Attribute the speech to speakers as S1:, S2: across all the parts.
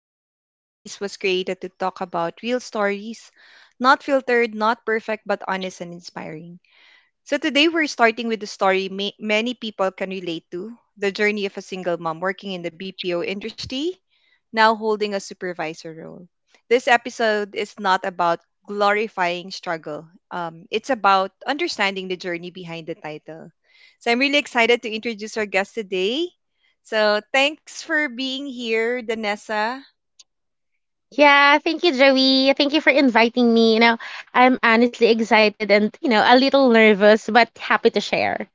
S1: podcast. This space was created to talk about real stories, not filtered, not perfect, but honest and inspiring. So today we're starting with the story many people can relate to, the journey of a single mom working in the BPO industry, now holding a supervisor role. This episode is not about glorifying struggle. It's about understanding the journey behind the title. So I'm really excited to introduce our guest today. So thanks for being here, Danessa.
S2: Yeah, thank you, Joey. Thank you for inviting me. You know, I'm honestly excited and, you know, a little nervous, but happy to share.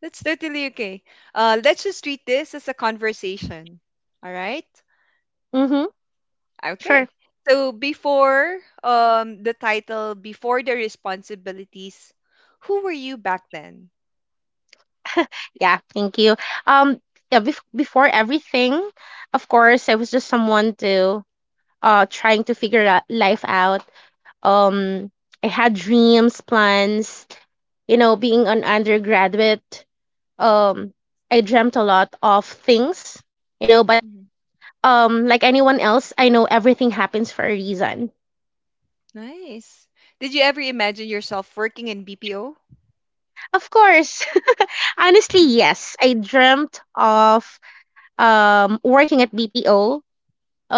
S1: That's totally okay. Let's just treat this as a conversation. All right?
S2: Mm-hmm. Sure.
S1: Okay. So before the title, before the responsibilities, who were you back then?
S2: Yeah, thank you. Um, yeah, before everything, of course, I was just someone to trying to figure out life out. Um, I had dreams, plans, you know, being an undergraduate. Um, I dreamt a lot of things, you know, but
S1: Mhm.
S2: like anyone else, I know everything happens for a reason.
S1: Nice. Did you ever imagine yourself working in BPO?
S2: Of course. Honestly, yes. I dreamt of working at BPO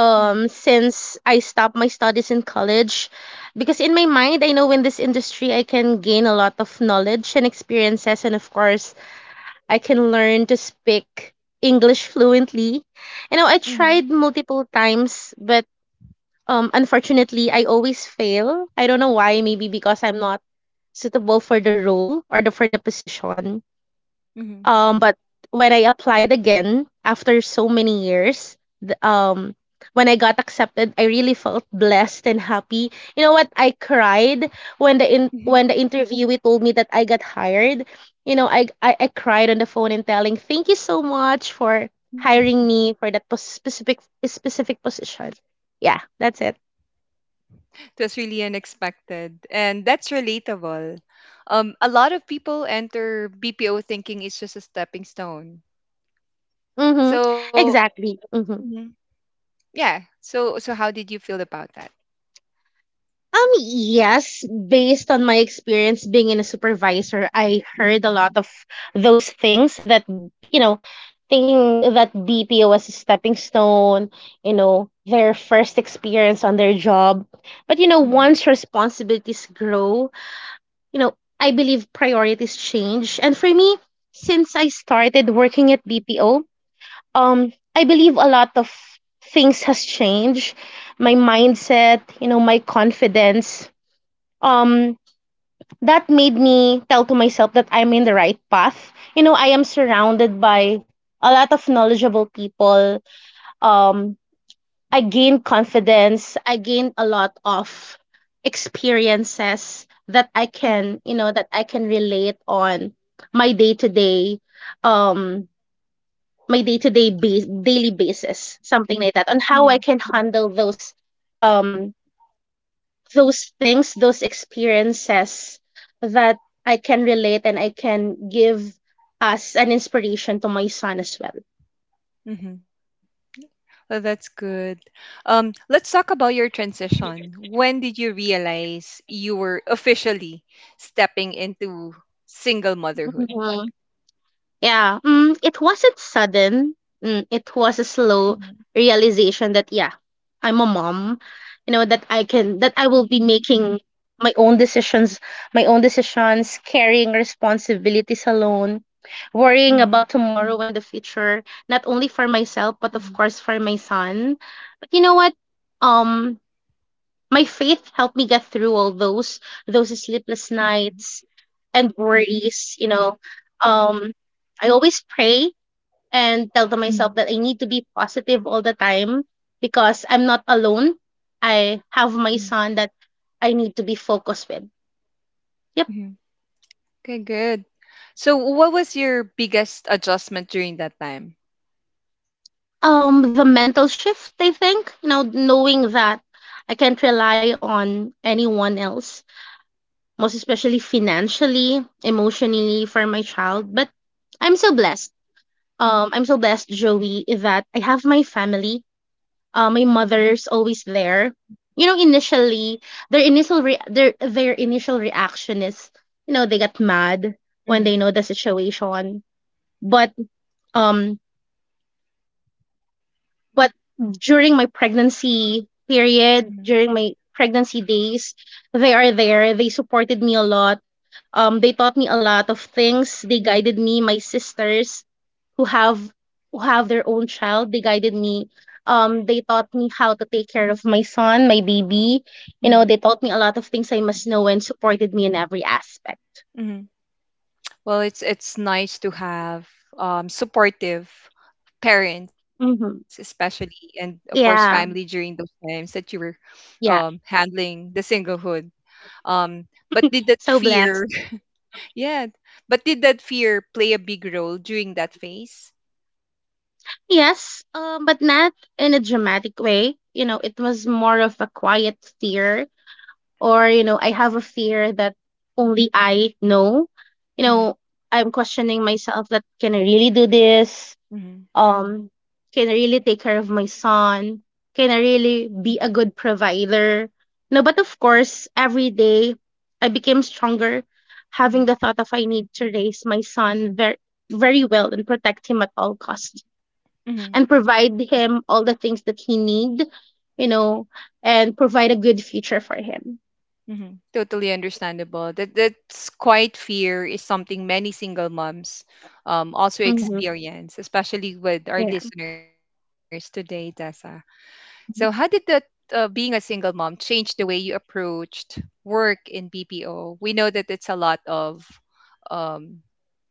S1: Mhm.
S2: since I stopped my studies in college because in my mind I know in this industry I can gain a lot of knowledge and experiences, and of course I can learn to speak English fluently. You know, I
S1: Mhm.
S2: tried multiple times but unfortunately I always fail. I don't know why, maybe because I'm not suitable for the role or the for the position.
S1: Mhm.
S2: But when I applied again after so many years, when I got accepted, I really felt blessed and happy. You know what? I cried when the in
S1: Mhm.
S2: when the interviewee told me that I got hired. You know, I cried on the phone and telling thank you so much for hiring me for that specific position. Yeah, that's it.
S1: That's really unexpected. And that's relatable. A lot of people enter BPO thinking it's just a stepping stone.
S2: Mm-hmm.
S1: So
S2: Exactly. Mm-hmm.
S1: mhm, yeah. So how did you feel about that?
S2: Yes, based on my experience being in a supervisor, I heard a lot of those things that, you know, thinking that BPO was a stepping stone, you know, their first experience on their job. But, you know,
S1: Mhm.
S2: once responsibilities grow, you know, I believe priorities change. And for me, since I started working at BPO, I believe a lot of things has changed. My mindset, you know, my confidence um that made me tell to myself that I'm in the right path. You know, I am surrounded by a lot of knowledgeable people. Um, I gained
S1: Mhm.
S2: confidence. I gained a lot of experiences that I
S1: Mhm.
S2: can, you know, that I can relate on my day to day, um, my day to day base daily basis, something like that, on how I can
S1: Mhm.
S2: handle um those things, those experiences that I can relate and I can give as an inspiration to my son as
S1: Mhm. Oh, that's good. Let's talk about your transition. When did you realize you were officially stepping into single motherhood?
S2: well. Yeah, it wasn't sudden. It was a
S1: Mm-hmm.
S2: slow realization that yeah, I'm a mom. You know that I can that I will be making my own decisions, my own decisions, carrying responsibilities alone, worrying
S1: Hmm.
S2: about tomorrow and the future, not only for myself but of course for my son. But you know what? Um my faith helped me get through all those sleepless
S1: Hmm.
S2: nights and worries, you know. Um I always pray and tell to myself that I need to be positive all the time because I'm not alone. I have my
S1: Hmm.
S2: son that I need to be focused with. Yep.
S1: Hmm. Okay, good. So, what was your biggest adjustment during that time?
S2: The mental shift, I think, you know, knowing that I can't rely on anyone else, most especially financially, emotionally for my child, but I'm so blessed. I'm so blessed, Joey, that I have my family. My mother's always there. You know, initially their initial reaction is, you know, they get mad when they know the
S1: Mm-hmm.
S2: situation. But um, but during my pregnancy
S1: Mm-hmm.
S2: period, during my pregnancy days, they are there. They supported me a lot. They taught me a lot of things. They guided me, my sisters who have who have their own child. They guided me. They taught me how to take care of my son, my baby. You
S1: Mm-hmm.
S2: know, they taught me a lot of things I must know and supported me in every aspect.
S1: Well, it's nice to have supportive parents,
S2: Mm-hmm.
S1: especially, and of course, family during those
S2: Yeah,
S1: times that you were
S2: yeah.
S1: handling the singlehood. Um, but did that
S2: So blessed.
S1: fear, yeah, but did that fear play a big role during that phase?
S2: Yes, but not in a dramatic way. You know, it was more of a quiet fear, or you know, I have a fear that only I know. You
S1: Hmm.
S2: know, I'm questioning myself that can I really do this?
S1: Hmm.
S2: um, can I really take care of my son? Can I really be a good provider? No, but of course, every day I became stronger having
S1: Hmm.
S2: the thought of I need to raise my son very well and protect him at all costs,
S1: Hmm.
S2: and provide him all the things that he need, you know, and provide a good future for him.
S1: Hmm. Totally understandable. That that's quite fear is something many single moms also
S2: Hmm.
S1: experience, especially with our
S2: Yeah.
S1: listeners today, Tessa. So, how did the being a single mom change the way you approached work in BPO? We know that it's a lot of um,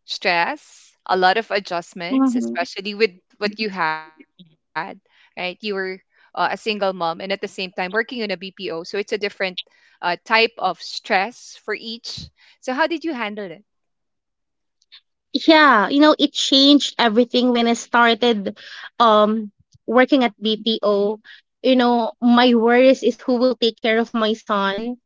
S1: stress, a lot of adjustments,
S2: Mhm.
S1: especially with what you had, right? You were a single mom and at the same time working in a BPO. So, it's a different type of stress for each. So, how did you handle it?
S2: Yeah, you know, it changed everything when I started um working at BPO. You know, my worries is who will take care of my son,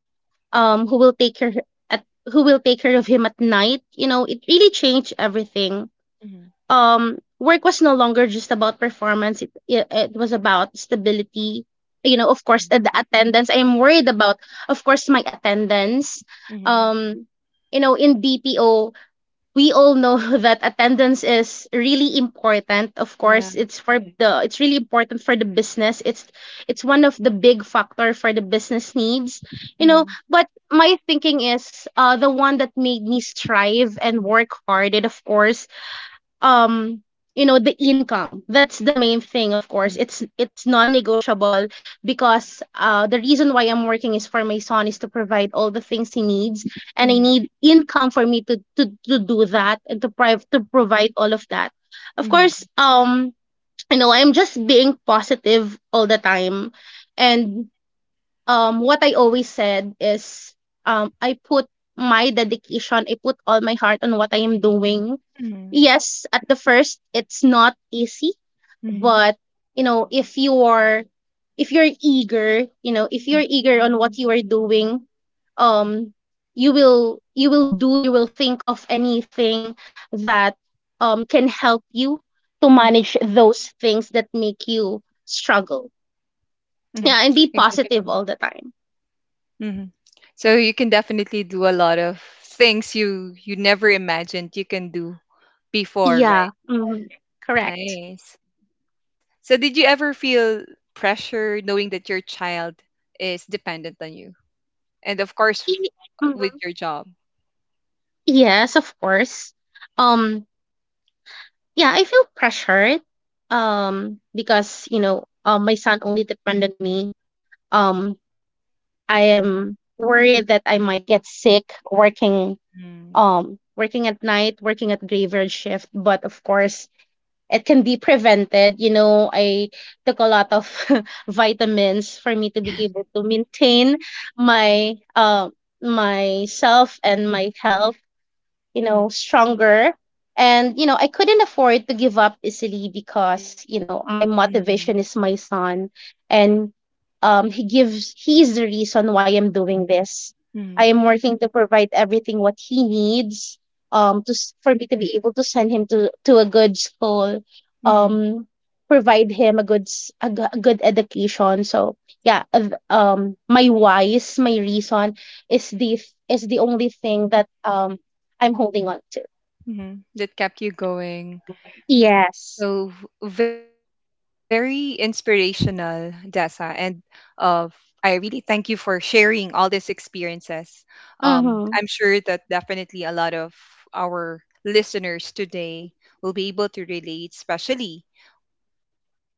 S2: um, who will take care at who will take care of him at night. You know, it really changed everything.
S1: Mhm,
S2: Work was no longer just about performance. It was about stability. You know,
S1: mhm,
S2: of course, the attendance. I'm worried about, of course, my attendance.
S1: mhm,
S2: Um, you know, in BPO, we all know that attendance is really important. Of
S1: yeah.
S2: course it's really important for the business. It's one of the big factor for the business needs, you know.
S1: Mhm,
S2: But my thinking is the one that made me strive and work hard, and of course, um you know, the income, that's the
S1: mhm,
S2: main thing. Of course it's non-negotiable, because the reason why I'm working is for my son, is to provide all the things he needs. And I
S1: mhm,
S2: need income for me to do that and to provide all of that. Of
S1: mhm,
S2: course, you know, I'm just being positive all the time. And what I always said is, I put my dedication, I put all my heart on what I am doing.
S1: mhm,
S2: Yes, at the first it's not easy,
S1: mhm,
S2: but you know, if you're eager, you know,
S1: mhm,
S2: if you're eager on what you are doing, um you will do, you will think of anything that can help you to
S1: mhm,
S2: manage those things that make you struggle.
S1: mhm.
S2: Yeah, and be
S1: Exactly.
S2: positive all the time.
S1: Hmm. So you can definitely do a lot of things you never imagined you can do before,
S2: Yeah.
S1: right?
S2: Hmm. Correct.
S1: Nice. So did you ever feel pressure knowing that your child is dependent on you? And of course with
S2: Mm-hmm.
S1: your job.
S2: Yes, of course. Um, yeah, I feel pressured. Because you know, my son only depend on me. Um, I am worried that I might get sick working.
S1: Mm-hmm.
S2: Working at night, working at graveyard shift. But of course, it can be prevented. You know, I took a lot of vitamins for me to be able to maintain my myself and my health, you know, stronger. And, you know, I couldn't afford to give up easily because, you
S1: Mm-hmm.
S2: know, my motivation is my son. And he is the reason why I'm doing this.
S1: Mm-hmm.
S2: I am working to provide everything what he needs, for me to be able to send him to a good school, um, provide him a good, s- a, g- a good education. So yeah, my why's, my reason is the only thing that, I'm holding on to.
S1: Mm-hmm. That kept you going.
S2: Yes.
S1: So very inspirational, Dessa, and uh, I really thank you for sharing all these experiences. I'm
S2: Mm-hmm.
S1: sure that definitely a lot of our listeners today will be able to relate, especially with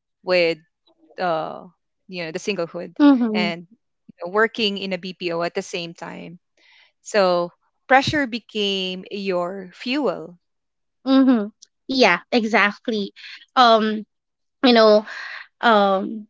S1: uh, you know the singlehood and
S2: Mm-hmm.
S1: working in a BPO at the same time. So pressure became your fuel.
S2: Mm-hmm. Yeah, exactly. Um, you know, um,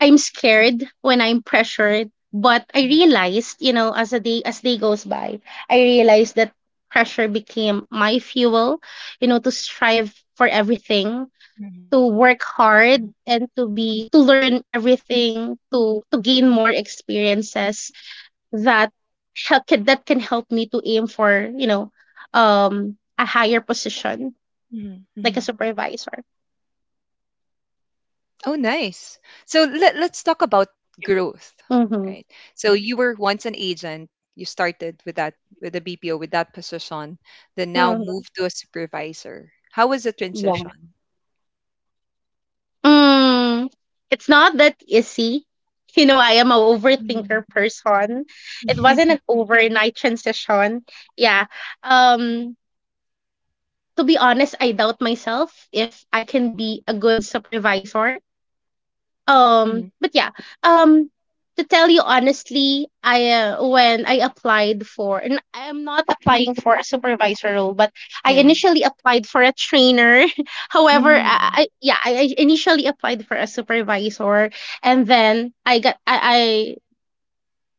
S2: I'm scared when I'm pressured, but I
S1: Mhm.
S2: realized, you know, as day goes by, I realized that pressure became my fuel, you know, to strive for everything,
S1: Mhm.
S2: to work hard and to learn everything, to gain more experiences that help that can help me to aim for, you know, a higher position
S1: Mhm.
S2: like a
S1: Mhm.
S2: supervisor.
S1: Oh, nice. So let's talk about growth, right?
S2: Mm-hmm.
S1: So you were once an agent. You started with that with the BPO with that position, then now
S2: Hmm.
S1: moved to a supervisor. How was the
S2: Yeah.
S1: transition?
S2: mm, it's not that easy. You know, I am a
S1: Mm.
S2: overthinker person. It wasn't an overnight transition. Yeah. um to be honest, I doubt myself if I can be a good supervisor.
S1: Mhm.
S2: But yeah, um to tell you honestly, I when I applied for, and I'm not applying for a supervisor role, but I
S1: Yeah.
S2: initially applied for a trainer. However,
S1: Mm.
S2: I initially applied for a supervisor, and then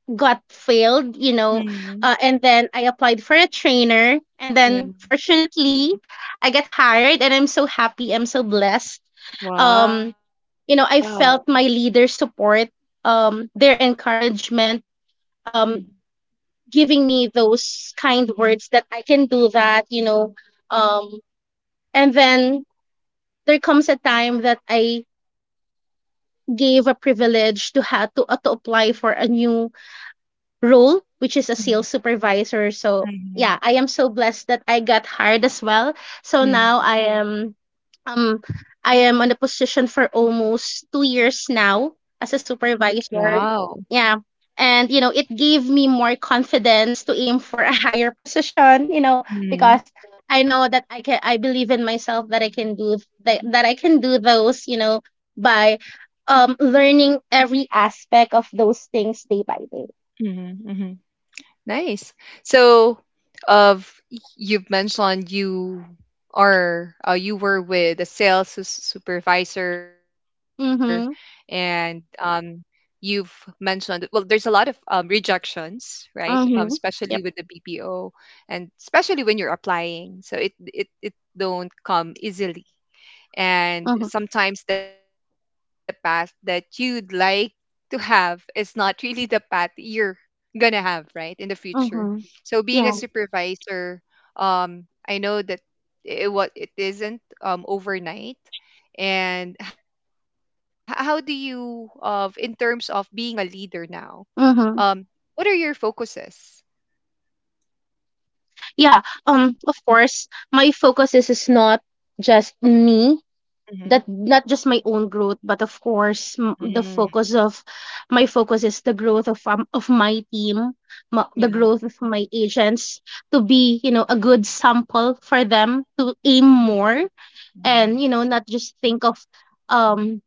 S2: I got failed, you know.
S1: Mm.
S2: And then I applied for a trainer, and
S1: Yeah.
S2: then fortunately I got hired and I'm so happy, I'm so blessed. um
S1: Wow.
S2: you know, I felt my leader's support, their encouragement,
S1: Mm.
S2: um, giving me those kind words that I can do that, you know. Um, and then there comes a time that I gave a privilege to apply for a new role, which is a
S1: Mhm.
S2: sales supervisor. So
S1: Mhm.
S2: yeah, I am so blessed that I got hired as well. So now
S1: Mm.
S2: I am um on the position for almost 2 years now as a
S1: Wow.
S2: supervisor. Yeah. And you know, it gave me more confidence to aim for a higher position, you know, because I know that I believe in myself that I can do that, that I can do those, you know, by learning every aspect of those things day by day.
S1: Mm-hmm. Nice. So, of you've mentioned you are you were with a sales supervisor, and
S2: Mhm,
S1: you've mentioned well, there's a lot of rejections, right?
S2: mhm.
S1: Especially with
S2: Yep.
S1: the BPO, and especially when you're applying, so it don't come easily. And
S2: Mhm,
S1: sometimes the path that you'd like to have is not really the path you're gonna have, right, in the future.
S2: mhm.
S1: So being a
S2: Yeah.
S1: supervisor, I know that it what it isn't overnight. And how do you of in terms of being a leader now? Um,
S2: Mhm.
S1: what are your focuses?
S2: Yeah. Of course, my focus is not just me.
S1: Mm-hmm.
S2: That not just my own growth, but of
S1: Mm,
S2: course, m- the focus of my focus is the growth of my team, the
S1: yeah,
S2: growth of my agents to be a good sample for them to aim more. And
S1: nice.
S2: not just think of um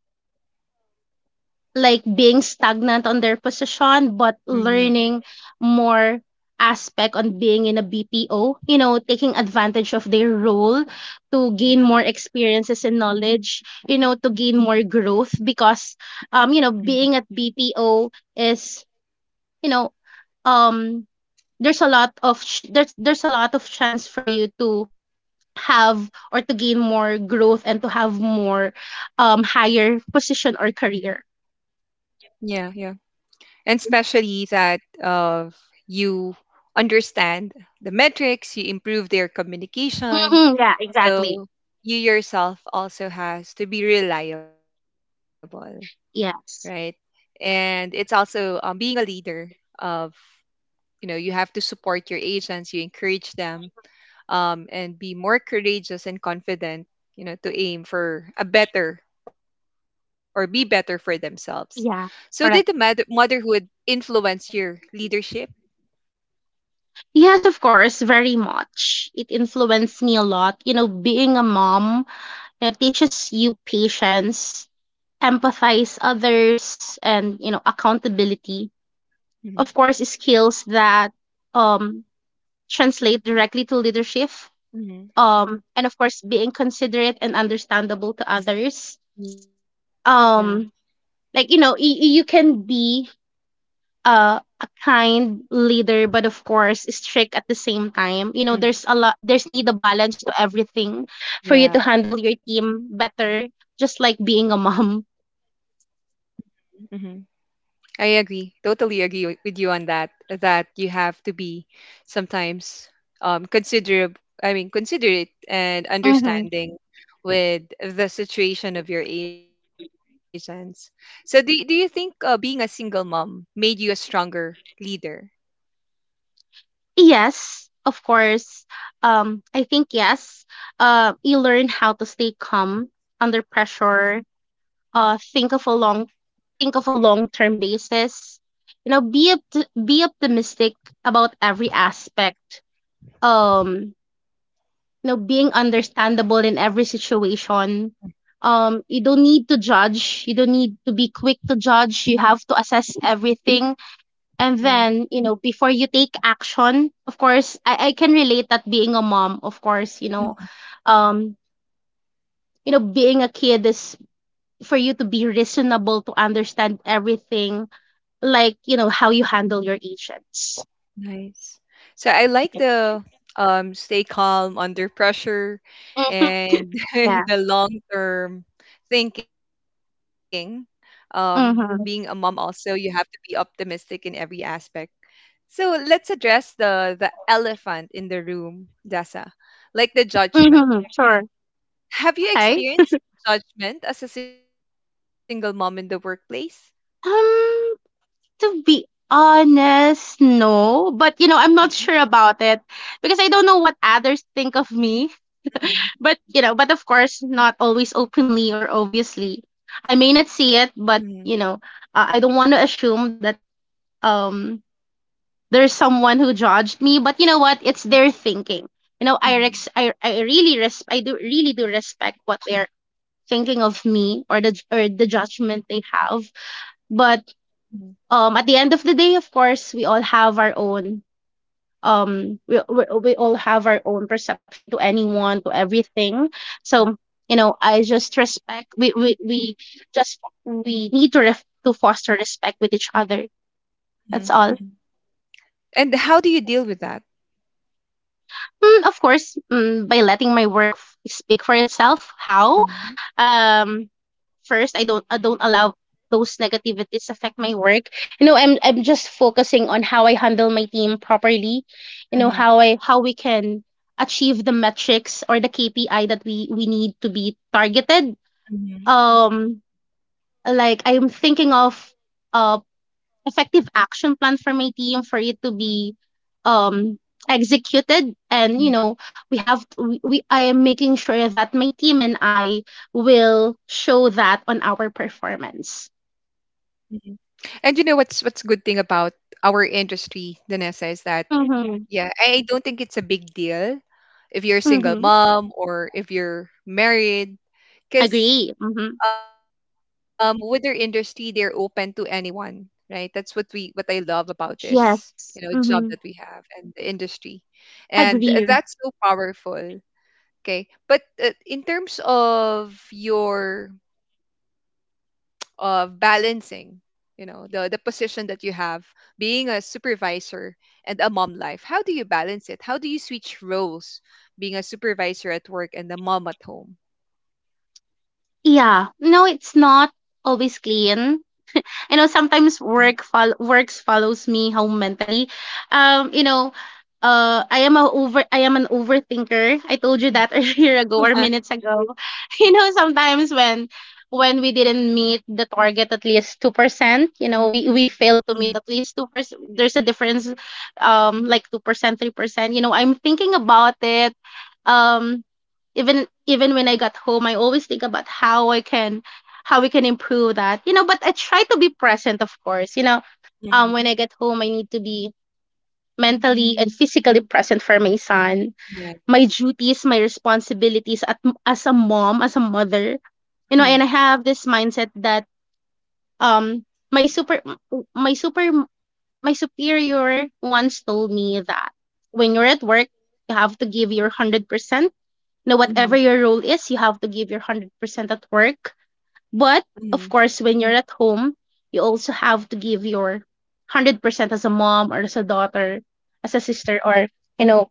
S2: like being stagnant on their position, but
S1: Mm,
S2: learning more aspect on being in a BPO, you know, taking advantage of their role to gain
S1: yeah,
S2: more experiences and knowledge, you know, to gain more growth. Because
S1: mhm.
S2: you know, being at BPO is, you know, um there's a lot of ch- there's a lot of chance for you to have or to gain more growth and to have more higher position or career.
S1: Yeah, yeah. And especially that you understand the metrics, you improve their communication.
S2: Mhm, yeah, exactly.
S1: So you yourself also has to be reliable, right?
S2: Yes.
S1: And it's also being a leader of you know you have to support your agents, you encourage them and be more courageous and confident, you know, to aim for a better or be better for themselves. So, did the
S2: Yeah. Correct.
S1: motherhood influence your leadership?
S2: Yes, of course, very much. It influenced me a lot. You know, being a mom, you know, teaches you patience, empathize others, and you know, accountability.
S1: Mm-hmm.
S2: Of course, skills that um translate directly to leadership.
S1: Mm-hmm.
S2: And of course, being considerate and understandable to others.
S1: Yeah.
S2: Um, like you know, you can be a kind leader, but of course strict at the same time. You know,
S1: Mm.
S2: there's need a balance to everything for you
S1: Yeah.
S2: to handle your team better, just like being a mom.
S1: Mm-hmm. I agree. Totally agree with you on that. That you have to be sometimes consider. I mean, considerate and
S2: Hmm.
S1: understanding with the situation of your agents. So, do you think being a single mom made you a stronger leader?
S2: Yes, of course. I think yes. You learn how to stay calm under pressure. Uh, think of a long term basis. You know, be optimistic about every aspect. Um, you know, being understandable in every situation. You don't need to judge. You don't need to be quick to judge. You have to assess everything. And
S1: Yeah.
S2: then, you know, before you take action, of course, I can relate that being a mom, of course, um, you know, being a kid is for you to be reasonable to understand everything, like, you know, how you handle your agents.
S1: Nice. So I like the stay calm under pressure and
S2: Yeah.
S1: the long term thinking. Um, being a mom also
S2: Mm-hmm.
S1: you have to be optimistic in every aspect. So let's address the elephant in the room, Dasa. Like the judgment.
S2: Mm-hmm. Sure.
S1: Have you
S2: Okay.
S1: experienced judgment as a single mom in the workplace?
S2: Um, To be honest, no. But you know, I'm
S1: Mm-hmm.
S2: not sure about it because I don't know what others think of me.
S1: Mm-hmm.
S2: But you know, but of course, not always openly or obviously. I may not see it, but you know, I don't want to assume that um there's someone who judged me. But you know what? It's their thinking. You know, I
S1: Mm-hmm.
S2: rex I, I really res I do really do respect what they're thinking of me, or the judgment they have.
S1: Mm-hmm.
S2: But at the end of the day, of course, we all have our own perception to
S1: Yeah.
S2: anyone, to everything. So you know, I just respect we just we need to to foster respect with each other. That's all.
S1: Mm-hmm. And how do you deal with that?
S2: Mm, of course. Mm, by letting my work speak for itself. How
S1: Mhm.
S2: um First, I don't allow those negativities affect my work. You know, I'm just focusing on how I handle my team properly, you know,
S1: Mhm.
S2: how we can achieve the metrics or the KPI that we need to be targeted.
S1: Mhm.
S2: um like I'm thinking of uh effective action plan for my team for it to be um executed. And you
S1: Yeah.
S2: know, we have to we I am making sure that my team and I will show that on our performance.
S1: Mhm. And you know what's good thing about our industry, Danessa, is that
S2: Mm-hmm.
S1: yeah, I don't think it's a big deal if you're a single
S2: Mm-hmm.
S1: mom or if you're married, because
S2: Agree. Mm-hmm.
S1: with their industry, they're open to anyone, right? That's what we what I love about this, you know,
S2: Yes.
S1: job that we
S2: Mm-hmm.
S1: have and the industry, and
S2: Agree.
S1: that's so powerful. Okay, but in terms of your of balancing you know the position that you have being a supervisor and a mom life, how do you balance it? How do you switch roles, being a supervisor at work and a mom at home?
S2: Yeah, no, it's not always clean. You know,
S1: Mhm.
S2: sometimes works follows me home mentally. You know, I am an overthinker. I told you that
S1: Mhm.
S2: a year ago or minutes ago. You know, sometimes when we didn't meet the target at least 2%. You know, we
S1: Mhm.
S2: failed to meet at least 2%, there's a difference, like 2%, 3%. You know, I'm thinking about it. um Even when I got home, I always think about how I can how we can improve that. You know, but I try to be present, of course. You know,
S1: Mhm.
S2: when I get home, I need to be mentally and physically present for my son. My
S1: Nice.
S2: duties, my responsibilities as a mom, as a mother. You know, and I
S1: Mhm.
S2: have this mindset that um my super my super my superior once told me that when you're at work, you have to give your 100%. You know, whatever
S1: Mhm.
S2: your role is, you have to give your 100% at work. But
S1: Mhm.
S2: of course, when you're at home, you also have to give your 100% as a mom or as a daughter, as a sister or, you know,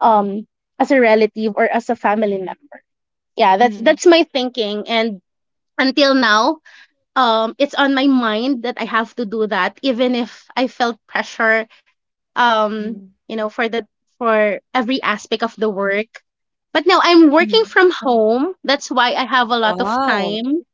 S2: um as a relative or as a family member. Yeah,
S1: Mhm.
S2: that's my thinking. And until now, it's on my mind that I have to do that, even if I felt pressure.
S1: Mhm.
S2: um for the for every aspect of the work. But now I'm working
S1: Mhm.
S2: from home. That's why I have a lot of
S1: Wow.
S2: time.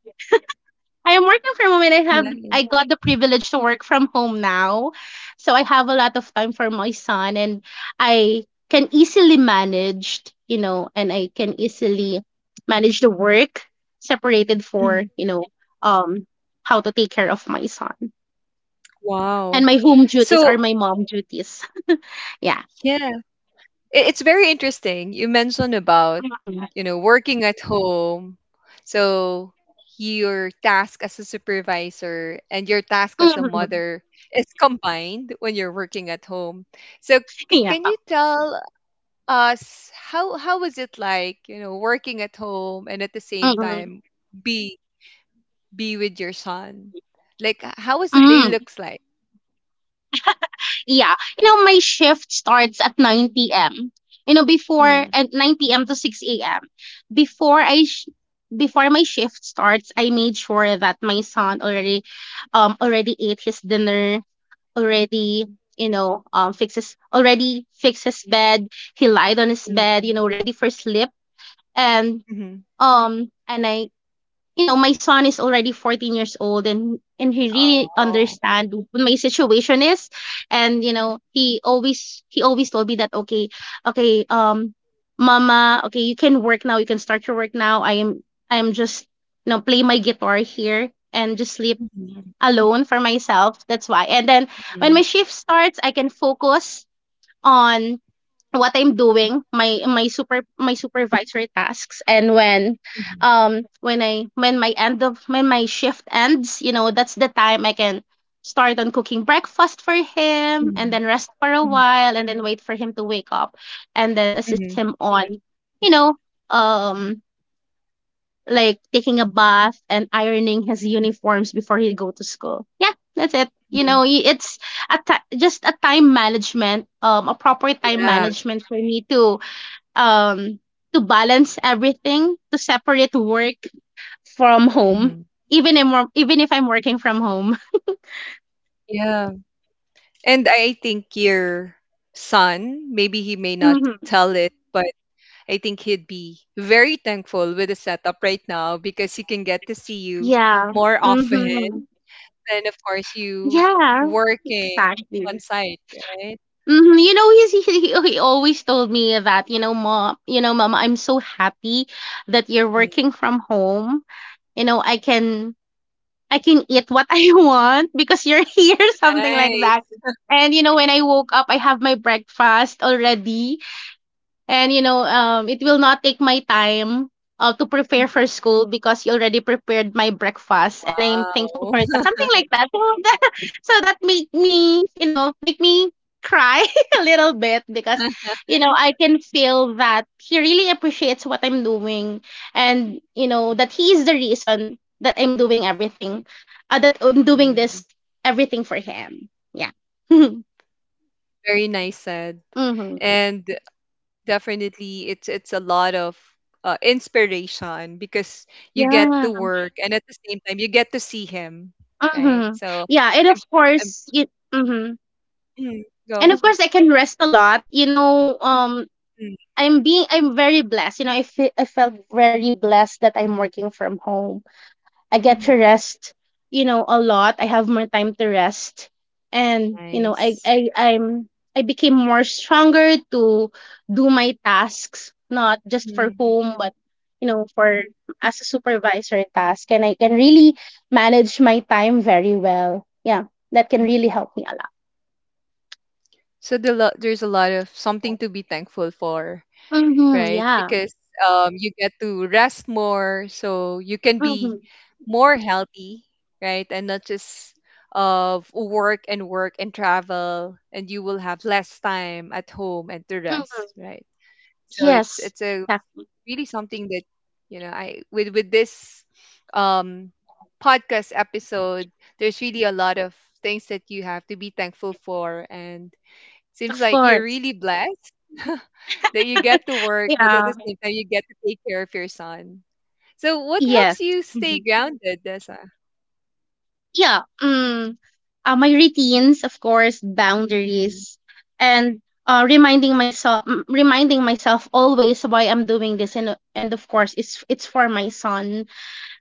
S2: I am working from home, and
S1: Nice.
S2: I got the privilege to work from home now. So I have a lot of time for my son, and I can easily manage, you know, and I can easily manage the work separated for,
S1: Mhm.
S2: you know, um how to take care of my son. And
S1: Wow.
S2: my home duties
S1: So,
S2: are my mom duties. Yeah.
S1: yeah. It's very interesting. You mentioned about,
S2: Mhm.
S1: you know, working at home. So your task as a supervisor and your task as a
S2: Mhm.
S1: mother is combined when you're working at home. So
S2: Yeah.
S1: can you tell us how was it like, you know, working at home and at the same time be be with your son? Like how was the day
S2: Mhm.
S1: looks like?
S2: Yeah, you know, my shift starts at 9 p.m. You know, before
S1: Mm,
S2: at 9 p.m. to 6 a.m. Before I sh- Before my shift starts, I made sure that my son already already ate his dinner, already you know fixes already fixed his bed. He lied on his bed, you
S1: mm,
S2: know, ready for sleep, and
S1: mhm.
S2: I you know, my son is already 14 years old and he really
S1: Oh.
S2: understand what my situation is. And you know, he always told me that okay, okay, um mama, okay, you can work now, you can start your work now. I am just you know, play my guitar here and just sleep
S1: Mhm,
S2: alone for myself. That's why. And then when my
S1: mhm,
S2: shift starts, I can focus on what I'm doing, my supervisory tasks. And
S1: mhm,
S2: when I when my shift ends, you know, that's the time I can start on cooking breakfast for him, and
S1: mhm.
S2: then rest for a
S1: Mhm,
S2: while, and then wait for him to wake up, and then assist
S1: mhm,
S2: him on, you know, um, like taking a bath and ironing his uniforms before he go to school. Yeah, that's it. You
S1: mhm.
S2: know, it's just a time management, a proper time
S1: Yeah.
S2: management for me um to balance everything, to separate work from home,
S1: Mhm.
S2: even if I'm working from home.
S1: Yeah. And I think your son, maybe he may not
S2: Hmm.
S1: tell it, but I think he'd be very thankful with the setup right now because he can get to see you
S2: Yeah.
S1: more
S2: Hmm.
S1: often than, of course, you
S2: Yeah.
S1: working on
S2: Exactly.
S1: site, right?
S2: Hmm. You know, he's, he always told me that you know, mom, you know, mama, I'm so happy that you're
S1: Mm,
S2: working from home. You know, I can eat what I want because you're here, something like
S1: nice.
S2: that. And you know, when I woke up, I have my breakfast already. And you know, it will not take my time to prepare
S1: Mhm.
S2: for school because you already prepared my breakfast, and I am thankful
S1: Wow.
S2: for that. Something like that. So, that make me, you know, make me cry a little bit because, you know, I can feel that he really appreciates what I'm doing, and you know that he is the reason that I'm doing everything, that I'm doing this
S1: Nice.
S2: everything for him. Yeah.
S1: Very nice said.
S2: Mm-hmm.
S1: And definitely it's a lot of inspiration because you get
S2: Yeah.
S1: to work and at the same time you get to see him, right?
S2: Mm-hmm.
S1: So
S2: Yeah, and of
S1: I'm I'm
S2: course, it, mm-hmm.
S1: mm,
S2: And
S1: go
S2: of course, I can rest a lot. You know,
S1: mm,
S2: I'm very blessed. You know, I felt very blessed that I'm working from home. I get to
S1: mhm.
S2: rest, you know, a lot. I have more time to rest. And, you know,
S1: Nice.
S2: I became more stronger to do my tasks, not just for
S1: Mm,
S2: home, but, you know, for as a supervisor task. And I can really manage my time very well. Yeah. That can really
S1: mhm.
S2: help me a lot.
S1: So there's a lot of something to be thankful for,
S2: Mm-hmm.
S1: right?
S2: Yeah.
S1: Because you get to rest more, so you can
S2: Mm-hmm.
S1: be more healthy, right? And not just of work and work and travel, and you will have less time at home and to
S2: Hmm.
S1: rest, right? So
S2: Yes.
S1: it's a
S2: Yeah,
S1: really something that you know I with this um podcast episode, there's really a lot of things that you have to be thankful for and seems
S2: of
S1: like you're
S2: course.
S1: really blessed that you get to work, but at
S2: Yeah.
S1: the same time, you get to take care of your son. So, what
S2: Yes.
S1: helps you stay
S2: Hmm.
S1: grounded, Dessa?
S2: Yeah. Mm. Uh, my routines, of course,
S1: Mhm,
S2: boundaries, and reminding myself, reminding myself always why I'm doing this, and of course, it's for my son.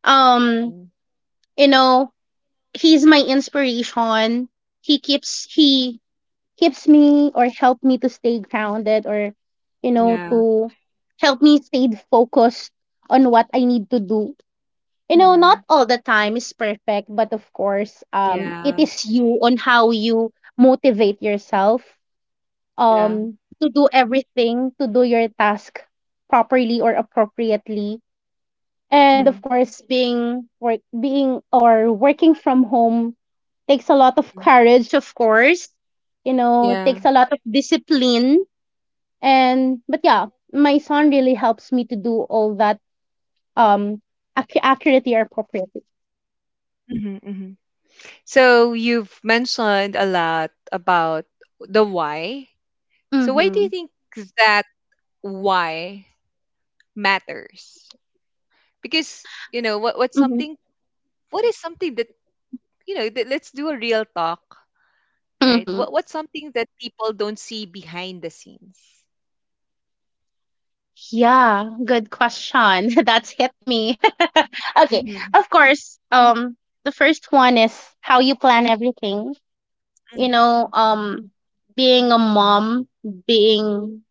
S2: Um,
S1: mhm.
S2: you know, he's my inspiration. He keeps me or help me to stay grounded, or
S1: Yeah.
S2: to help me stay focused on what I need to do. You know, not
S1: Mhm.
S2: all the time is perfect, but of course, it
S1: Yeah.
S2: is you on how you motivate yourself
S1: Yeah.
S2: to do everything, to do your task properly or appropriately. And of
S1: Mhm,
S2: course, being work being or working from home takes a lot of
S1: mhm.
S2: courage, of course. You know, it
S1: Yeah.
S2: takes a lot of discipline. And but yeah, my son really helps me to do all that, um accurately or appropriately.
S1: Mhm, mhm. So, you've mentioned a lot about the why. So, why do
S2: Mm-hmm.
S1: you think that why matters? Because, you know, what's something, what is something that, you know, that, let's do a real talk, right?
S2: Mm-hmm.
S1: What what's something that people don't see behind the scenes?
S2: Yeah, good question. That's hit me. Okay,
S1: Mhm.
S2: of course. The first one is how you plan everything.
S1: Mm.
S2: You know, being a mom, being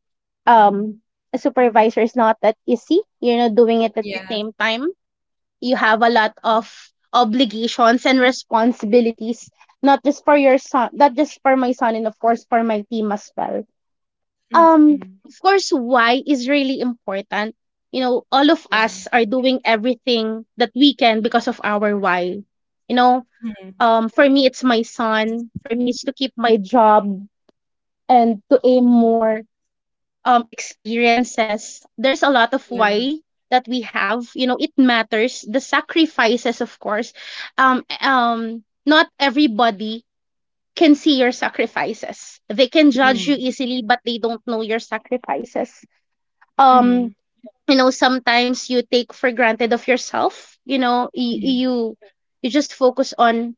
S2: um a supervisor is not that easy. You know, doing it at the
S1: Yeah.
S2: same time, you have a lot of obligations and responsibilities, not just for your son, not just for my son, and of course for my team as well.
S1: Mm,
S2: Um,
S1: mhm.
S2: of course, why is really important. You know, all of
S1: Yeah.
S2: us are doing everything that we can because of our why. You know,
S1: Mhm.
S2: for me, it's my son. For me, it's to keep my job and to aim more experiences. There's a lot of
S1: Yeah.
S2: why that we have. You know, it matters. The sacrifices, of course. Not everybody can see your sacrifices. They can judge you
S1: Mhm.
S2: easily, but they don't know your sacrifices. um
S1: Mhm.
S2: you know, sometimes you take for granted of yourself. You know,
S1: Mhm.
S2: you you just focus on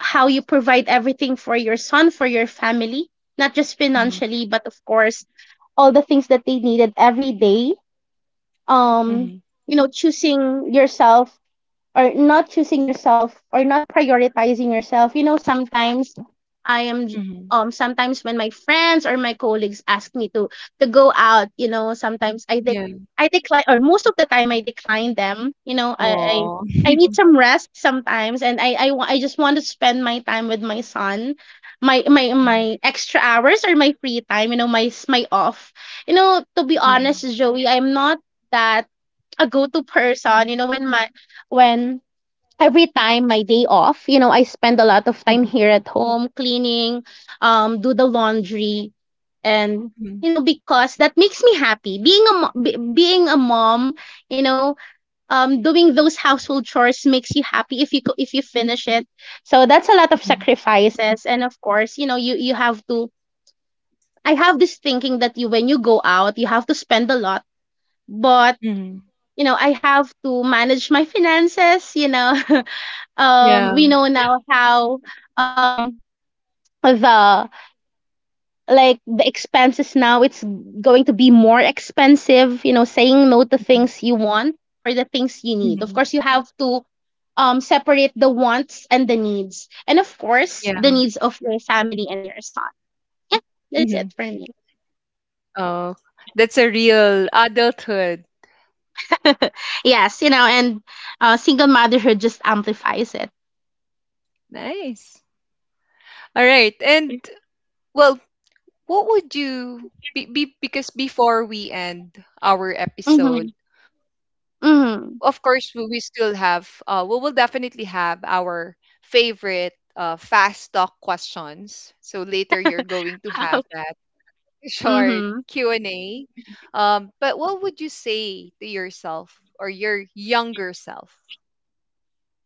S2: how you provide everything for your son, for your family, not just
S1: Mhm.
S2: financially, but of course all the things that they needed every day. um
S1: Mhm.
S2: you know, choosing yourself or not choosing yourself or not prioritizing yourself. You know, sometimes I am j-
S1: Mhm.
S2: sometimes when my friends or my colleagues ask me to go out, you know, sometimes I dec
S1: Yeah.
S2: I decline, or most of the time I decline them. You know,
S1: Oh.
S2: I need some rest sometimes, and I just want to spend my time with my son. My my
S1: Mhm.
S2: my extra hours or my free time, you know, my off. You know, to be
S1: Yeah.
S2: honest, Joey, I'm not that a go-to person. You know, when my when every time my day off, you know, I spend a lot of time
S1: Mhm.
S2: here at home cleaning, do the laundry, and
S1: Mhm.
S2: you know, because that makes me happy. Being being a mom, you know, doing those household chores makes you happy if if you finish it. So that's a lot of
S1: Mhm.
S2: sacrifices, and of course, you know, you have to. I have this thinking that you when you go out, you have to spend a lot, but
S1: Mhm.
S2: you know, I have to manage my finances, you know.
S1: Yeah.
S2: We know now how um the the expenses now, it's going to be more expensive. You know, saying no to
S1: Mhm.
S2: things you want for the things you need. Of
S1: Mhm.
S2: course, you have to separate the wants and the needs, and of course the
S1: Yeah.
S2: needs of your family and your son. Yeah, that's it
S1: Mhm.
S2: for me.
S1: Oh, that's a real adulthood.
S2: Yes, you know, and single motherhood just amplifies it.
S1: Nice. All right. And well, what would you be because before we end our
S2: Mm-hmm.
S1: episode,
S2: Mm-hmm.
S1: of course we still have we will definitely have our favorite fast talk questions, so later you're going to have
S2: Wow.
S1: that short
S2: Mm-hmm.
S1: Q&A, but what would you say to yourself or your younger self?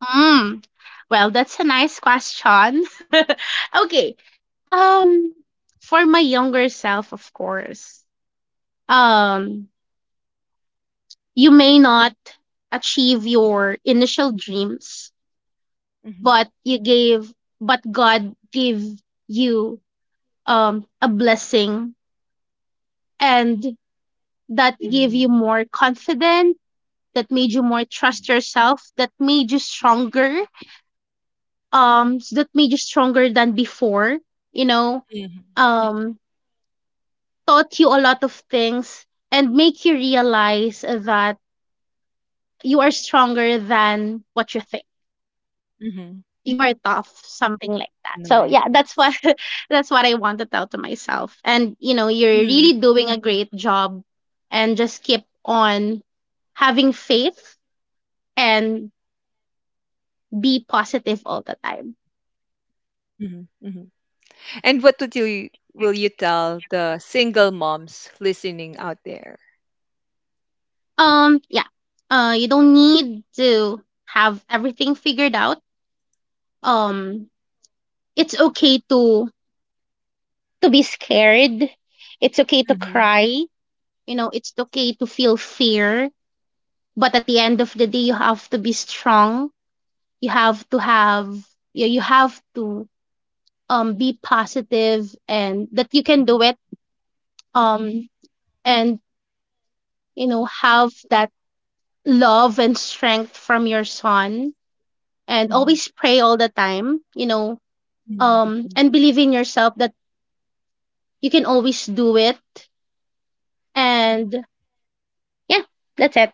S2: Mm. Well, that's a nice question. Okay. Um for my younger self, of course. Um you may not achieve your initial dreams,
S1: Mhm.
S2: but you gave but God gave you a blessing, and that gave you
S1: Mm-hmm.
S2: more confidence, that made you more trust yourself, that made you stronger, that made you stronger than before, you know. Um Taught you a lot of things and make you realize that you are stronger than what you think.
S1: Mm-hmm.
S2: You are tough, something like that. So
S1: Like
S2: yeah, that's what that's what I want to tell to myself. And you know, you're
S1: mm-hmm.
S2: really doing a great job, and just keep on having faith and be positive all the time.
S1: Mm-hmm. And what would you will you tell the single moms listening out there?
S2: Yeah. You don't need to have everything figured out. Um it's okay to be scared. It's okay to
S1: Mm-hmm.
S2: cry. You know, it's okay to feel fear. But at the end of the day, you have to be strong. You have to have, you have to be positive, and that you can do it. Um, and, you know, have that love and strength from your son, and always pray all the time, you know,
S1: Mm-hmm.
S2: and believe in yourself that you can always do it. And yeah, that's it.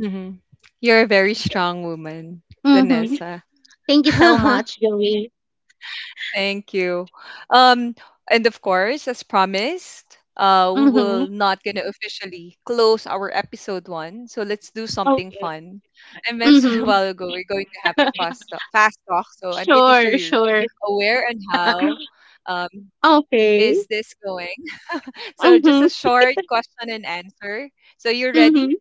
S1: Mhm. You're a very strong woman,
S2: Mm-hmm.
S1: Danessa.
S2: Thank you so much, Joey.
S1: Thank you. Um, and of course, as promised, we
S2: Mm-hmm.
S1: will not gonna officially close our episode one. So let's do something
S2: Okay.
S1: fun. I mentioned a
S2: Mm-hmm.
S1: while ago we're going to have the fast talk. So I'm pretty sure
S2: Sure,
S1: you're
S2: sure.
S1: aware and how um,
S2: Okay.
S1: is this going. So just
S2: Mm-hmm.
S1: a short question and answer. So you ready?
S2: Mm-hmm.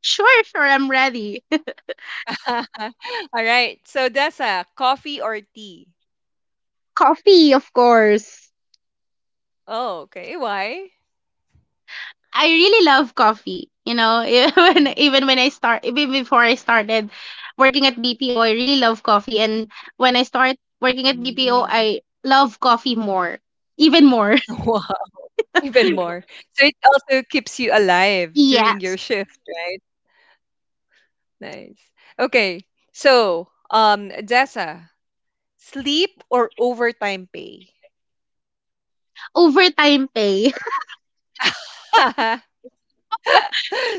S2: Sure, sure. I'm ready.
S1: All right. So that's a coffee or tea.
S2: Coffee, of course.
S1: Oh, okay. Why?
S2: I really love coffee. You know, even
S1: Mm.
S2: even when I start, even before I started working at BPO, I really love coffee. And when I started working at BPO,
S1: Mm.
S2: I love coffee more, even more.
S1: Wow, even more. So it also keeps you alive during
S2: Yes.
S1: your shift, right? Nice. Okay. So, Dessa, sleep or overtime pay?
S2: Overtime pay.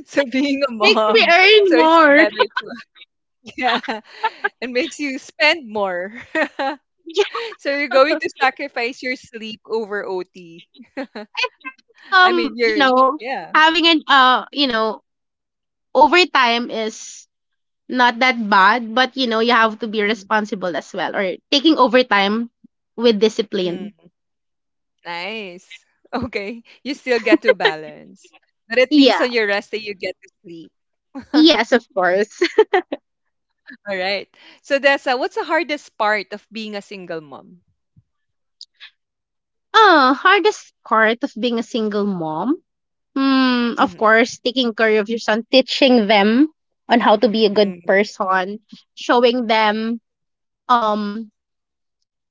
S1: So being a
S2: Makes me
S1: mom,
S2: earn
S1: so it's
S2: more.
S1: better to yeah, and makes you spend more.
S2: Yeah.
S1: So you're going to sacrifice your sleep over OT.
S2: I
S1: I mean,
S2: you
S1: you're
S2: know,
S1: yeah.
S2: having an uh you know overtime is not that bad, but you know, you have to be
S1: Mm,
S2: responsible as well, or taking overtime with discipline.
S1: mm, nice. Okay, you still get to balance, but at least
S2: Yeah,
S1: on your rest day you get to sleep.
S2: yes, of course.
S1: All right. So that's what's the hardest part of being a single mom?
S2: Hardest part of being a single mom. Hmm, of
S1: Mm-hmm.
S2: course taking care of your son, teaching them on how to be a good person, showing them um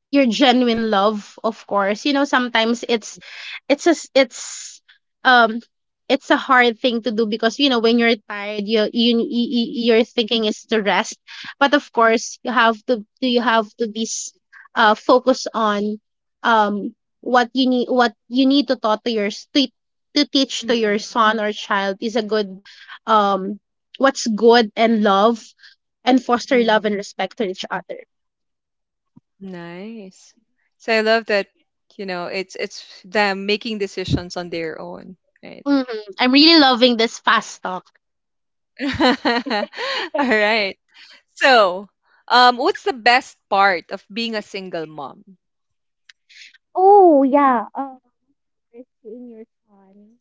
S2: your genuine love. Of course, you know, sometimes it's a s- it's um it's a hard thing to do, because you know when you're tired, your thinking is to rest. But of course, you have to do, you have to focus on um what you need, what you need to taught to your to teach to your
S1: Mm-hmm.
S2: son or child is a good um what's good and love, and foster love
S1: Mm-hmm.
S2: and respect to each other.
S1: Nice. So I love that. You know, it's them making decisions on their own, right?
S2: Hmm. I'm really loving this fast talk.
S1: All right. So, what's the best part of being a single mom?
S2: Oh, yeah. First, seeing your son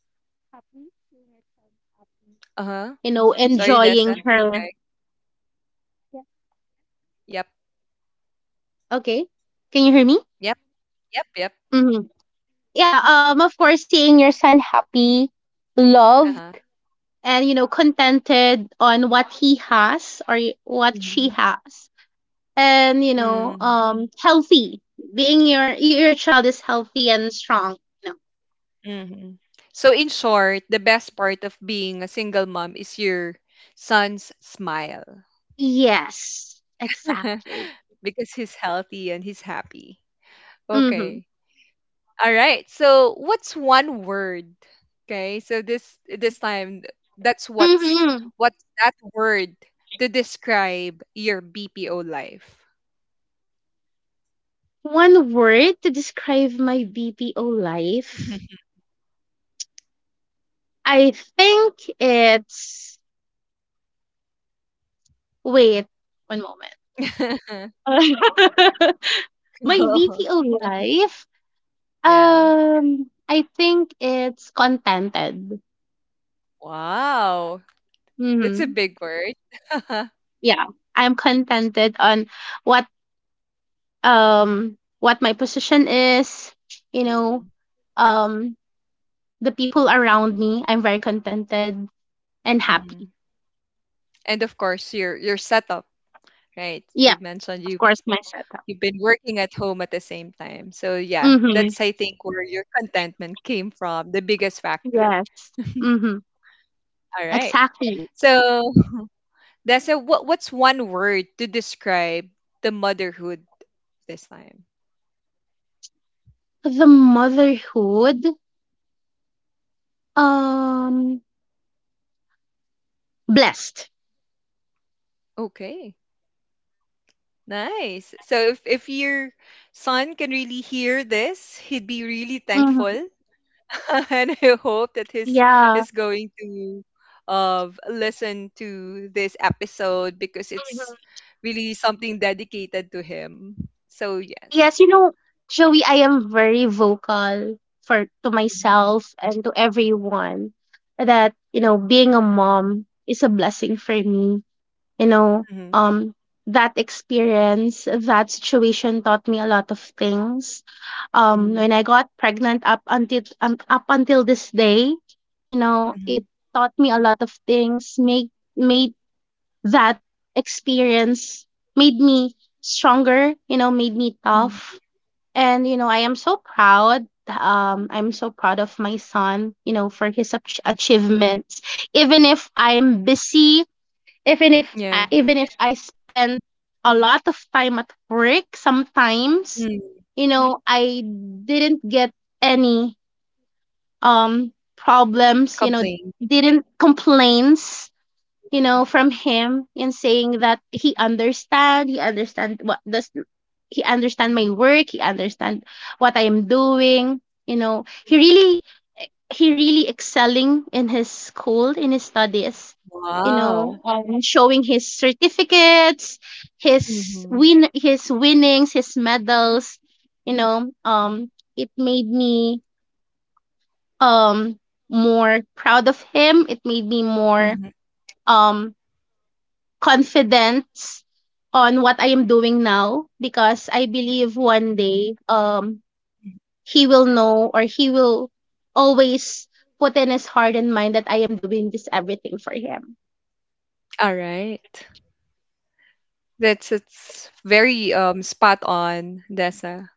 S2: happy, seeing your son happy.
S1: Uh huh.
S2: You know,
S1: Sorry,
S2: enjoying
S1: Dessa.
S2: her.
S1: Okay.
S2: Yeah.
S1: Yep.
S2: Okay. Can you hear me?
S1: Yep. Yep. Yep.
S2: Hmm. Yeah. Of course, seeing your son happy,
S1: Uh
S2: loved,
S1: huh.
S2: and you know, contented on what he has or what she
S1: Mm-hmm.
S2: has, and you know, healthy. Being your child is healthy and strong. You know.
S1: Mm-hmm. So, in short, the best part of being a single mom is your son's smile
S2: Yes, exactly.
S1: because he's healthy and he's happy.
S2: Mhm.
S1: Okay. All right. So, what's one word? Okay. So this time that's
S2: Mhm.
S1: what's that word to describe your BPO life.
S2: One word to describe my BPO life. I think it's wait, one moment. My
S1: Oh,
S2: BPO life.
S1: yeah.
S2: I think it's contented.
S1: Wow. That's a
S2: Mhm.
S1: big word.
S2: Yeah. I'm contented on what what my position is, you know, um the people around me. I'm very contented and happy.
S1: Mhm. And of course, your setup, right?
S2: Yeah,
S1: You mentioned
S2: of
S1: you
S2: course my setup.
S1: you've been working at home at the same time. So yeah,
S2: Mhm.
S1: that's I think where your contentment came from, the biggest factor.
S2: Yes. Mhm.
S1: All right.
S2: Exactly.
S1: So that's a what? What's one word to describe the motherhood this time?
S2: The motherhood, um, blessed.
S1: Okay, nice. So if your son can really hear this, he'd be really
S2: Mhm.
S1: thankful, and I hope that his
S2: Yeah.
S1: is going to listen to this episode because it's
S2: Mhm.
S1: really something dedicated to him. So
S2: Yes,
S1: yes.
S2: you know, Joey, I am very vocal for to
S1: Mhm,
S2: myself and to everyone that you know being a mom is a blessing for me. You know,
S1: mhm,
S2: um, that experience, that situation taught me a lot of things. When
S1: mhm,
S2: I got pregnant up until this day, you know,
S1: mhm,
S2: it taught me a lot of things. Made made that experience Made me stronger. You know, made me
S1: mhm,
S2: tough. And you know, I am so proud. I'm so proud of my son. You know, for his
S1: mhm.
S2: achievements. Even if I'm busy,
S1: Yeah.
S2: even if I spent a lot of time at work sometimes,
S1: Mm.
S2: you know, I didn't get any um problems. You know,
S1: Complain.
S2: didn't complaints, you know, from him, in saying that he understand my work, he understand what I am doing. You know, he really excelling in his school, in his studies. You know,
S1: Wow.
S2: showing his certificates,
S1: Mhm,
S2: his winnings, his medals. You know, it made me um more proud of him. It made me more
S1: mhm.
S2: um confident on what I am doing now, because I believe one day, he will know, or he will always put in his heart and mind that I am doing this everything for him.
S1: Alright. That's it's very, spot on, Dessa.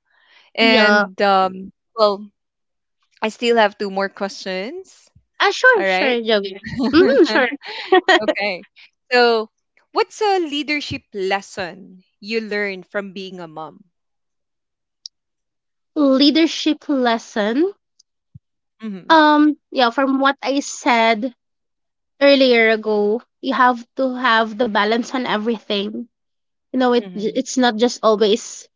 S2: Yeah.
S1: And, well, I still have 2 more questions,
S2: Ah, sure,
S1: alright?
S2: sure, Joey. Mm-hmm, sure.
S1: Okay. So, what's a leadership lesson you learned from being a mom?
S2: Leadership lesson.
S1: Mhm,
S2: Yeah, from what I said earlier ago, you have to have the balance on everything. You know, it
S1: mhm.
S2: it's not just always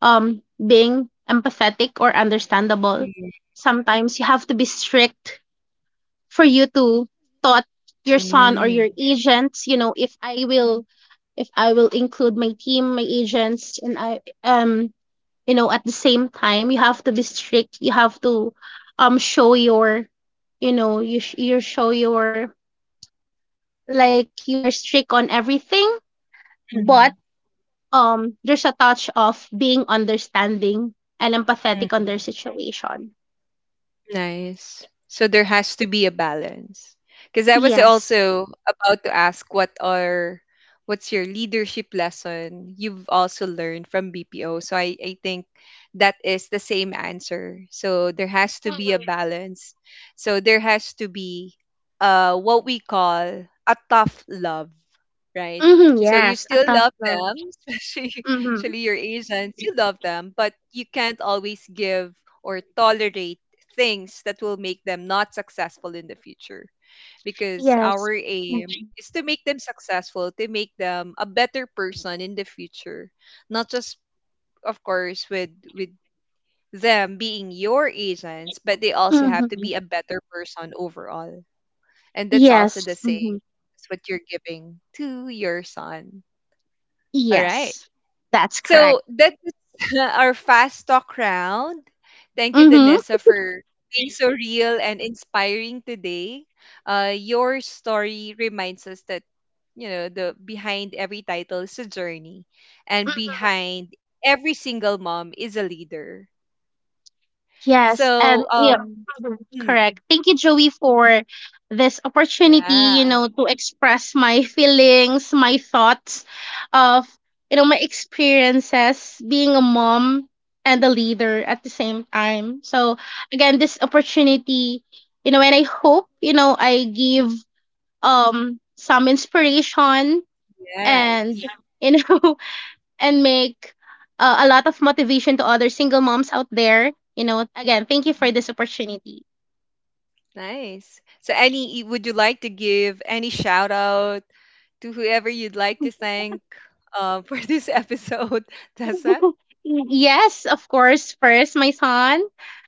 S2: being empathetic or understandable.
S1: Mm,
S2: Sometimes you have to be strict for you to taught your son or
S1: mm,
S2: your agents. You know, if I will include my team, my agents, and I, you know, at the same time, you have to be strict. You have to show your, you know, you show your, like, you are strict on everything, but
S1: mhm,
S2: there's a touch of being understanding and empathetic on their
S1: mhm.
S2: situation.
S1: Nice. So there has to be a balance. Because I was
S2: Yes.
S1: also about to ask what are what's your leadership lesson you've also learned from BPO. So I think that is the same answer. So there has to be a balance. So there has to be what we call a tough love, right?
S2: Mm-hmm,
S1: So you
S2: yes, a
S1: still
S2: tough
S1: love
S2: love.
S1: them, especially
S2: Mm-hmm,
S1: especially your agents, you love them, but you can't always give or tolerate things that will make them not successful in the future because
S2: yes.
S1: our aim is to make them successful, to make them a better person in the future, not just of course with them being your agents, but they also have to
S2: Mhm.
S1: be a better person overall, and that's also the
S2: Yes.
S1: same
S2: Mhm.
S1: as what you're giving to your son. All right.
S2: Yes. That's
S1: So
S2: correct.
S1: that is our fast talk round. Thank you,
S2: Mhm.
S1: Danessa, for being so real and inspiring today. Your story reminds us that you know the behind every title is a journey, and
S2: Mm,
S1: behind every single mom is a leader.
S2: yes. And
S1: So
S2: you know, mhm,
S1: mm,
S2: correct. Thank you, Joey, for this
S1: yeah,
S2: opportunity, you know, to express my feelings, my thoughts of, you know, my experiences being a mom and a leader at the same time. So again, this opportunity, you know, and I hope, you know, I give some inspiration, and
S1: yes.
S2: you know, and make a lot of motivation to other single moms out there. You know, again, thank you for
S1: Mm-hmm.
S2: this opportunity.
S1: Nice. So, any, would you like to give any shout out to whoever you'd like to thank for this episode, Tessa?
S2: Yes, of course. First, my son.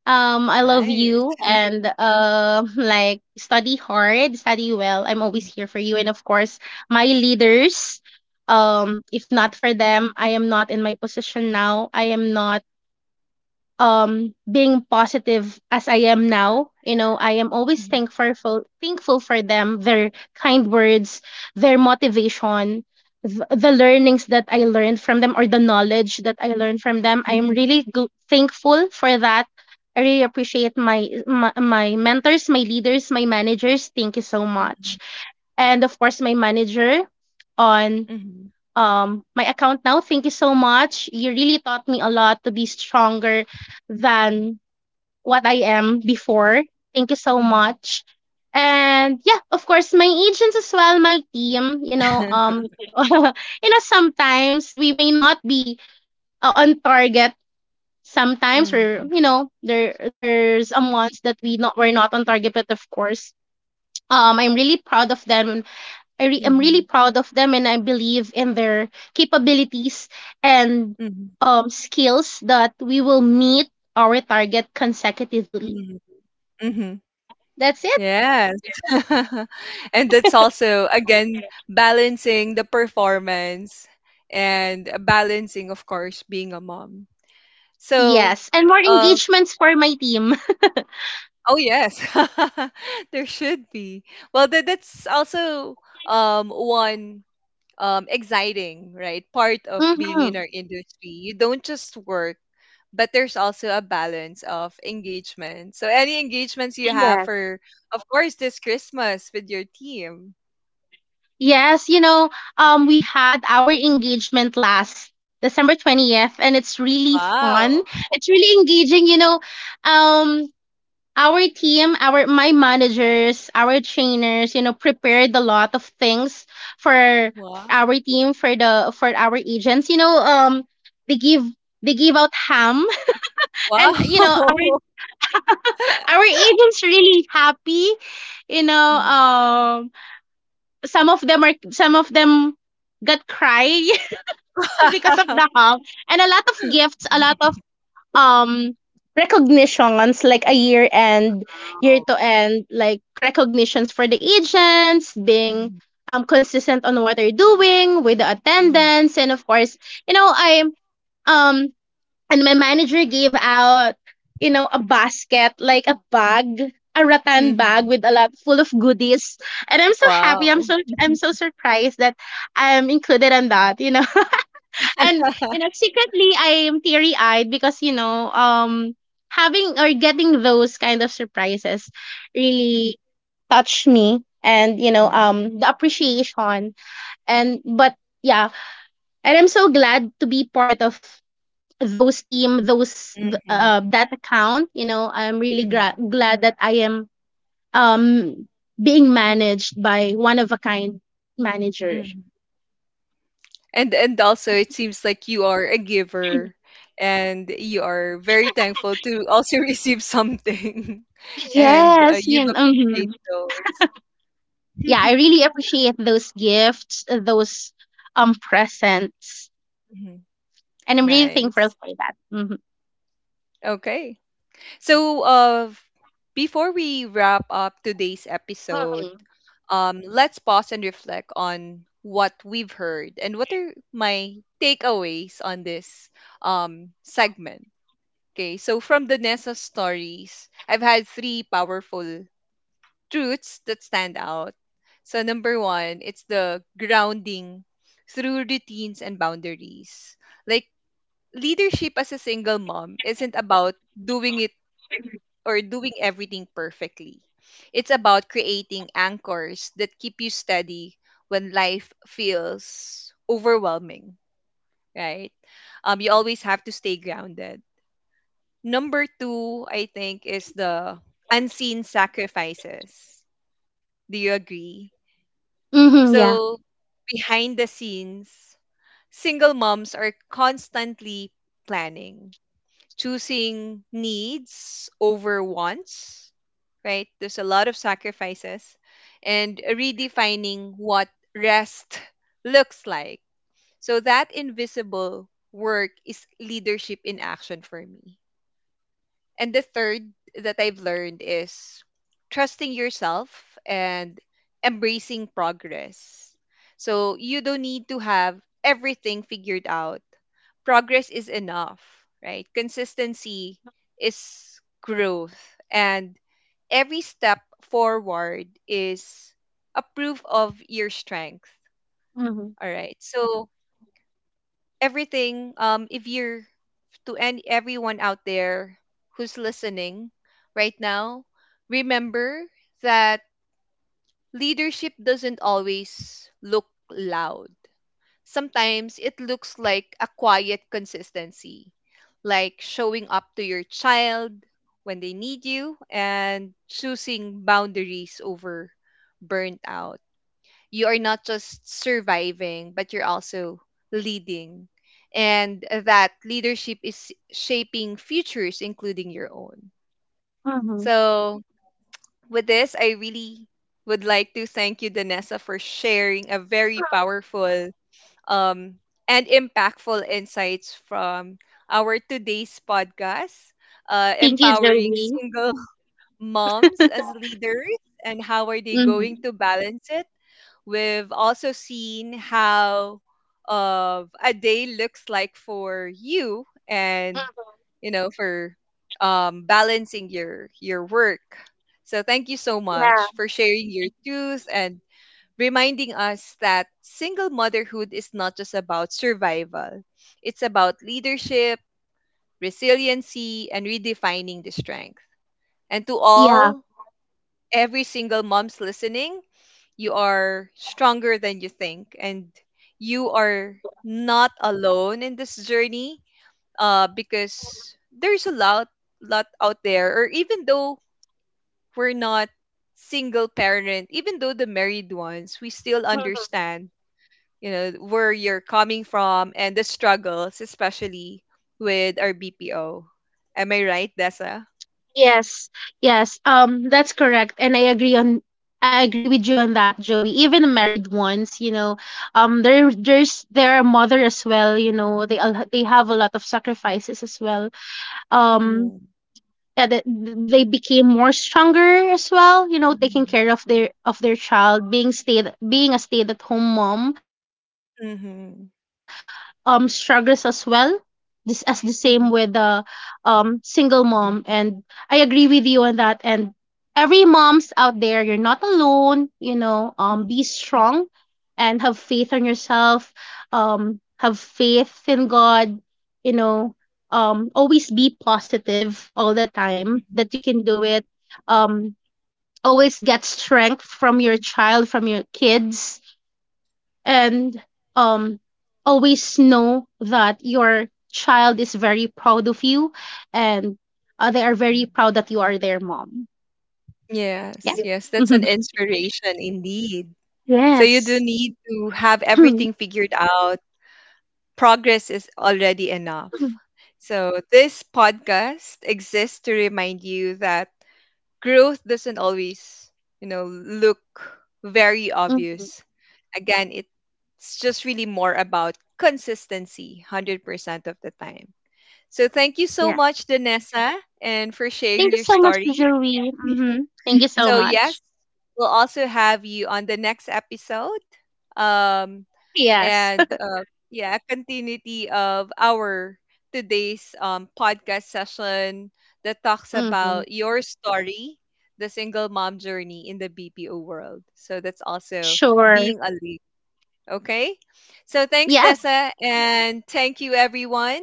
S2: I love
S1: Nice.
S2: you, and like study hard, study well. I'm always here for you. And of course, my leaders. If not for them, I am not in my position now. I am not being positive as I am now. You know, I am always
S1: Mhm,
S2: thankful for them, their kind words, their motivation, the learnings that I learned from them or the knowledge that I learned from them. I am really thankful for that. I really appreciate my mentors, my leaders, my managers. Thank you so much.
S1: mhm,
S2: And of course my manager on
S1: mhm,
S2: my account now. Thank you so much. You really taught me a lot to be stronger than what I am before. Thank you so
S1: mhm,
S2: much. And yeah, of course, my agents as well, my team, you know, you know, sometimes we may not be on target sometimes, or
S1: mhm,
S2: you know there's a months that we're not on target, but of course I'm really proud of them. I'm really
S1: mhm,
S2: proud of them, and I believe in their capabilities and
S1: mhm,
S2: skills that we will meet our target consecutively.
S1: mhm, mhm.
S2: Yeah, that's it.
S1: Yes. and that's also, again, balancing the performance and balancing, of course, being a mom. So,
S2: Yes, and more
S1: uh,
S2: engagements for my team.
S1: oh, yes, there should be. Well, that's also one exciting, right? Part of being in
S2: Hmm.
S1: our industry. You don't just work, but there's also a balance of engagement. So, any engagements you have
S2: Yes.
S1: for, of course, this Christmas with your team.
S2: Yes, you know, we had our engagement last December 20th, and it's really fun.
S1: Wow.
S2: It's really engaging, you know. Um, our team, our my managers, our trainers, you know, prepared a lot of things for
S1: Wow.
S2: our team, for our agents. You know, they give they give out ham, and
S1: Wow.
S2: you know, our agents really happy. You know,
S1: Mhm.
S2: some of them got cry because of the ham, and a lot of gifts, a lot of um recognitions, like a year end year
S1: wow.
S2: to end like recognitions for the agents being
S1: Mhm.
S2: consistent on what they're doing with the attendance. And of course, you know, I um and my manager gave out, you know, a basket, like a bag, a rattan bag
S1: Mhm.
S2: with a lot full of goodies. And I'm so happy,
S1: Wow.
S2: I'm
S1: Mhm.
S2: so surprised that I'm included on that, you know. And you know, secretly I am teary eyed, because you know, having or getting those kind of surprises really touch me, and you know, the appreciation. And but Yeah. And I'm so glad to be part of
S1: Mhm.
S2: that account, you know. I'm really glad that I am um being managed by one of a kind manager.
S1: Mhm. And also it seems like you are a giver, and you are very thankful to also receive something, and
S2: Yes, you
S1: you appreciate
S2: know,
S1: those.
S2: yeah, I really appreciate those gifts, those presents,
S1: Mhm.
S2: and I'm really thankful
S1: Nice.
S2: for that. Mm-hmm.
S1: Okay. So before we wrap up today's episode,
S2: Mm-hmm.
S1: let's pause and reflect on what we've heard and what are my takeaways on this segment. Okay, so from the Nessa stories, I've had three powerful truths that stand out. So, number one, it's the grounding through routines and boundaries. Like, leadership as a single mom isn't about doing it or doing everything perfectly, it's about creating anchors that keep you steady when life feels overwhelming, right? You always have to stay grounded. Number two, I think, is the unseen sacrifices. Do you agree?
S2: Mm-hmm, yeah.
S1: So, behind the scenes, single moms are constantly planning, choosing needs over wants, right? There's a lot of sacrifices and redefining what rest looks like. So, that invisible work is leadership in action for me. And the third that I've learned is trusting yourself and embracing progress. So you don't need to have everything figured out. Progress is enough, right? Consistency is growth. And every step forward is a proof of your strength.
S2: Mm-hmm.
S1: All right. So everything, if you're to any everyone out there who's listening right now, remember that leadership doesn't always look loud. Sometimes it looks like a quiet consistency, like showing up to your child when they need you and choosing boundaries over burnt out. You are not just surviving, but you're also leading. And that leadership is shaping futures, including your own.
S2: Mm-hmm.
S1: So, with this, I really would like to thank you, Danessa, for sharing a very powerful um, and impactful insights from our today's podcast,
S2: Thank you,
S1: empowering
S2: Jolie.
S1: single moms as leaders and how are they
S2: Mm-hmm.
S1: going to balance it. We've also seen how a day looks like for you and you know for balancing your work. So thank you so
S2: Yeah.
S1: much for sharing your truth and reminding us that single motherhood is not just about survival. It's about leadership, resiliency, and redefining the strength. And to
S2: Yeah.
S1: all, every single mom's listening, you are stronger than you think, and you are not alone in this journey, because there's a lot lot out there, or even though we're not single parent, even though the married ones, we still
S2: Mhm.
S1: understand, you know, where you're coming from and the struggles, especially with our bpo. Am I right, Dessa?
S2: Yes. Yes. That's correct, and I agree on. I agree with you on that, Joey. Even the married ones, you know, there are mother as well. You know, they have a lot of sacrifices as well. Um,
S1: Mm-hmm.
S2: yeah, that they became more stronger as well. You know, taking care of their child, being stay being a stay at home mom. Of course, there's a lot
S1: Mm-hmm.
S2: of struggles as well, this as the same with the single mom. And I agree with you on that. And every moms out there, you're not alone, you know.
S1: Mm-hmm.
S2: Be strong and have faith on yourself. Have faith in God, you know. Always be positive all the time, that you can do it. um Always get strength from your child, from your kids. And um always know that your child is very proud of you, and they are very proud that you are their mom. Yeah.
S1: Yes, yes, that's an
S2: Mhm.
S1: inspiration indeed. So you do
S2: Yes.
S1: need to have everything figured out. Progress is already enough. So this podcast exists to remind you that growth doesn't always, you know, look very
S2: Mhm.
S1: obvious. Again, it's just really more about consistency 100% of the time. So thank you so
S2: Yeah,
S1: much, Danessa, and for sharing
S2: thank you
S1: your
S2: so much,
S1: story.
S2: Joey. Hmm, thank you so
S1: So, yes,
S2: much.
S1: we'll also have you on the next episode. Um,
S2: Yes.
S1: and yeah, continuity of our today's podcast session that talks
S2: Hmm.
S1: about your story, the single mom journey in the BPO world. So, that's also
S2: Sure.
S1: being a lead. Okay. So, thanks,
S2: Yes,
S1: Tessa. And thank you, everyone.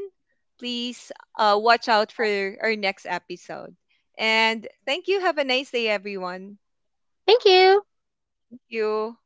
S1: Please watch out for our next episode. And thank you. Have a nice day, everyone
S2: thank you.
S1: you.